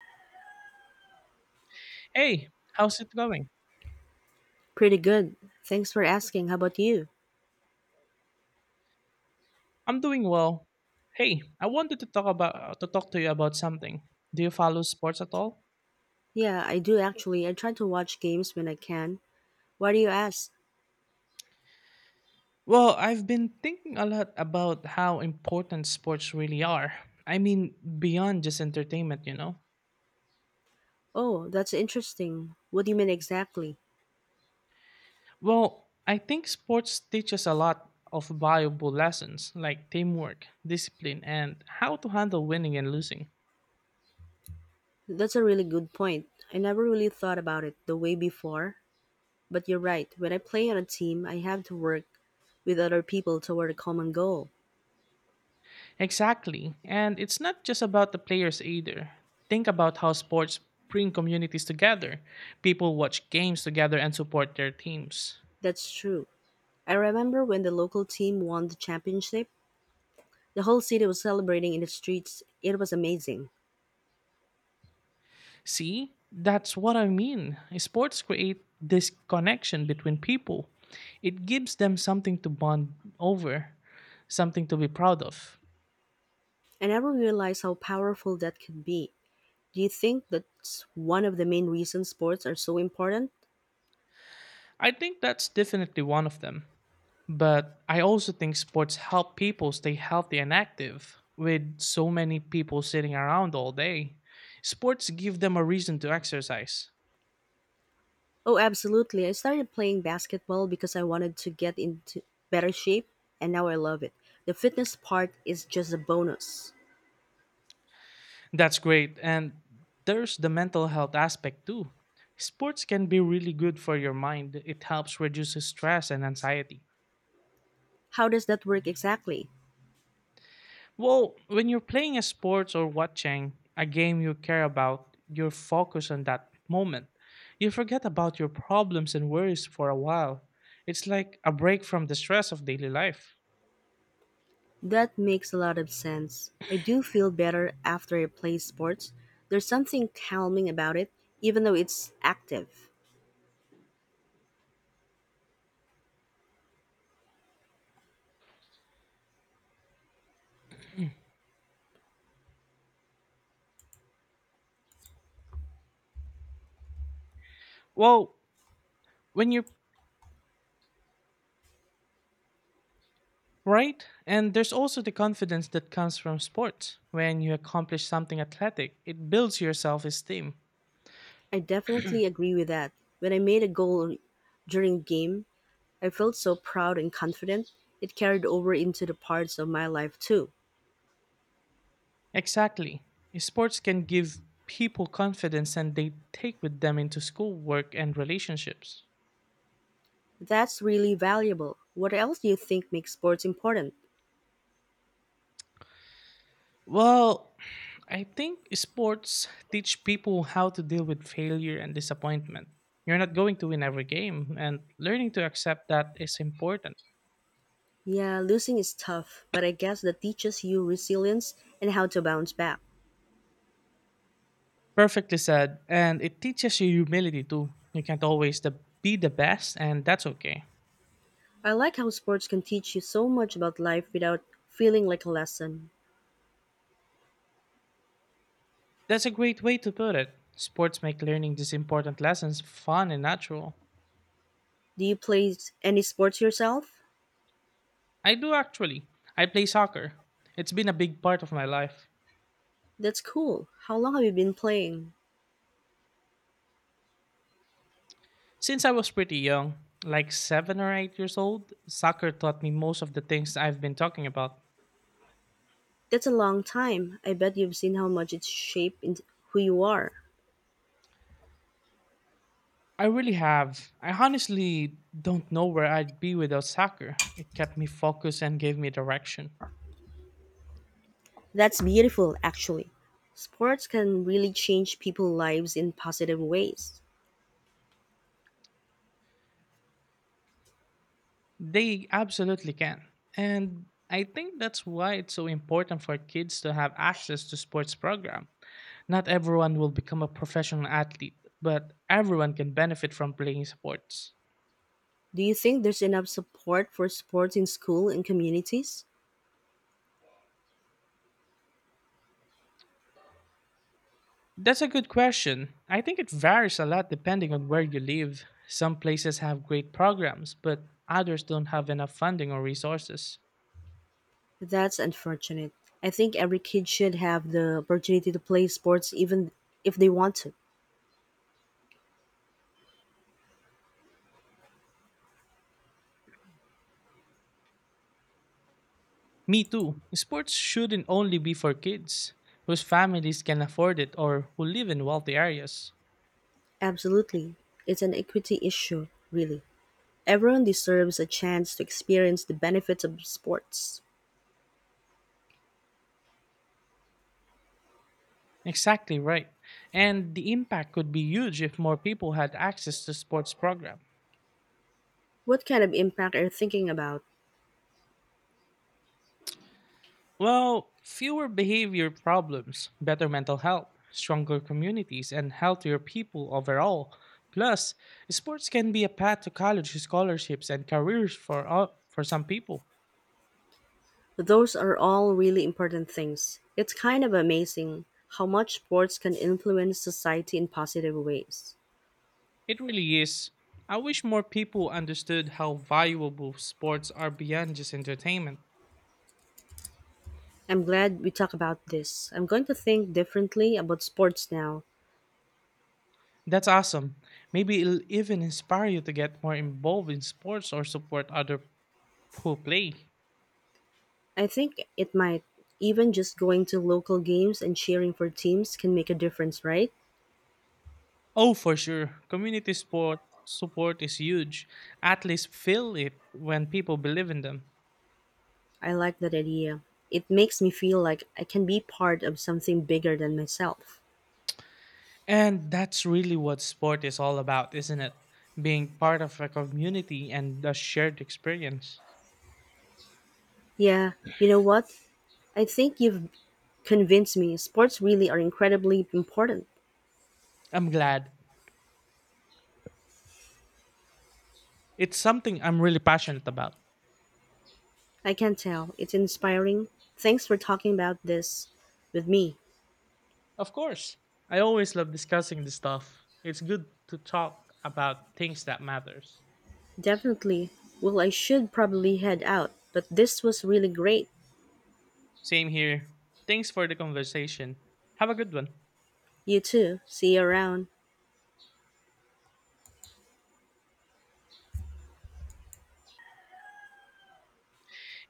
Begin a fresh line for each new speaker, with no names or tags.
Hey, how's it going?
Pretty good. Thanks for asking. How about you?
I'm doing well. Hey, I wanted to talk to you about something. Do you follow sports at all?
Yeah, I do actually. I try to watch games when I can. Why do you ask?
Well, I've been thinking a lot about how important sports really are. I mean, beyond just entertainment.
Oh, that's interesting. What do you mean exactly?
Well, I think sports teaches a lot of valuable lessons like teamwork, discipline, and how to handle winning and losing.
That's a really good point. I never really thought about it the way before. But you're right. When I play on a team, I have to work with other people toward a common goal.
Exactly. And it's not just about the players either. Think about how sports bring communities together. People watch games together and support their teams.
That's true. I remember when the local team won the championship, the whole city was celebrating in the streets. It was amazing.
See, that's what I mean. Sports create this connection between people. It gives them something to bond over, something to be proud of.
I never realized how powerful that could be. Do you think that's one of the main reasons sports are so important?
I think that's definitely one of them. But I also think sports help people stay healthy and active. With so many people sitting around all day, sports give them a reason to exercise.
Oh, absolutely. I started playing basketball because I wanted to get into better shape, and now I love it. The fitness part is just a bonus.
That's great. And there's the mental health aspect too. Sports can be really good for your mind. It helps reduce stress and anxiety.
How does that work exactly?
Well, when you're playing a sports or watching a game you care about, you're focused on that moment. You forget about your problems and worries for a while. It's like a break from the stress of daily life.
That makes a lot of sense. I do feel better after I play sports. There's something calming about it, even though it's active.
Well, when you're right, and there's also the confidence that comes from sports. When you accomplish something athletic, it builds your self esteem.
I definitely agree with that. When I made a goal during game, I felt so proud and confident. It carried over into the parts of my life too.
Exactly. Sports can give people confidence and they take with them into school, work, and relationships.
That's really valuable. What else do you think makes sports important?
Well, I think sports teach people how to deal with failure and disappointment. You're not going to win every game, and learning to accept that is important.
Yeah, losing is tough, but I guess that teaches you resilience and how to bounce back.
Perfectly said. And it teaches you humility too. You can't always be the best, and that's okay.
I like how sports can teach you so much about life without feeling like a lesson.
That's a great way to put it. Sports make learning these important lessons fun and natural.
Do you play any sports yourself?
I do actually. I play soccer. It's been a big part of my life.
That's cool. How long have you been playing?
Since I was pretty young, like 7 or 8 years old, soccer taught me most of the things I've been talking about.
That's a long time. I bet you've seen how much it's shaped in who you are.
I really have. I honestly don't know where I'd be without soccer. It kept me focused and gave me direction.
That's beautiful, actually. Sports can really change people's lives in positive ways.
They absolutely can. And I think that's why it's so important for kids to have access to sports program. Not everyone will become a professional athlete, but everyone can benefit from playing sports.
Do you think there's enough support for sports in school and communities?
That's a good question. I think it varies a lot depending on where you live. Some places have great programs, but others don't have enough funding or resources.
That's unfortunate. I think every kid should have the opportunity to play sports even if they want to.
Me too. Sports shouldn't only be for kids whose families can afford it or who live in wealthy areas.
Absolutely. It's an equity issue, really. Everyone deserves a chance to experience the benefits of sports.
Exactly right. And the impact could be huge if more people had access to sports programs.
What kind of impact are you thinking about?
Well, fewer behavior problems, better mental health, stronger communities, and healthier people overall. Plus, sports can be a path to college scholarships and careers for all, for some people.
Those are all really important things. It's kind of amazing how much sports can influence society in positive ways.
It really is. I wish more people understood how valuable sports are beyond just entertainment.
I'm glad we talked about this. I'm going to think differently about sports now.
That's awesome. Maybe it'll even inspire you to get more involved in sports or support other who play.
I think it might. Even just going to local games and cheering for teams can make a difference, right?
Oh, for sure. Community sport support is huge. Athletes feel it when people believe in them.
I like that idea. It makes me feel like I can be part of something bigger than myself.
And that's really what sport is all about, isn't it? Being part of a community and a shared experience.
Yeah, you know what? I think you've convinced me sports really are incredibly important.
I'm glad. It's something I'm really passionate about.
I can tell. It's inspiring. Thanks for talking about this with me.
Of course. I always love discussing this stuff. It's good to talk about things that matters.
Definitely. Well, I should probably head out, but this was really great.
Same here. Thanks for the conversation. Have a good one.
You too. See you around.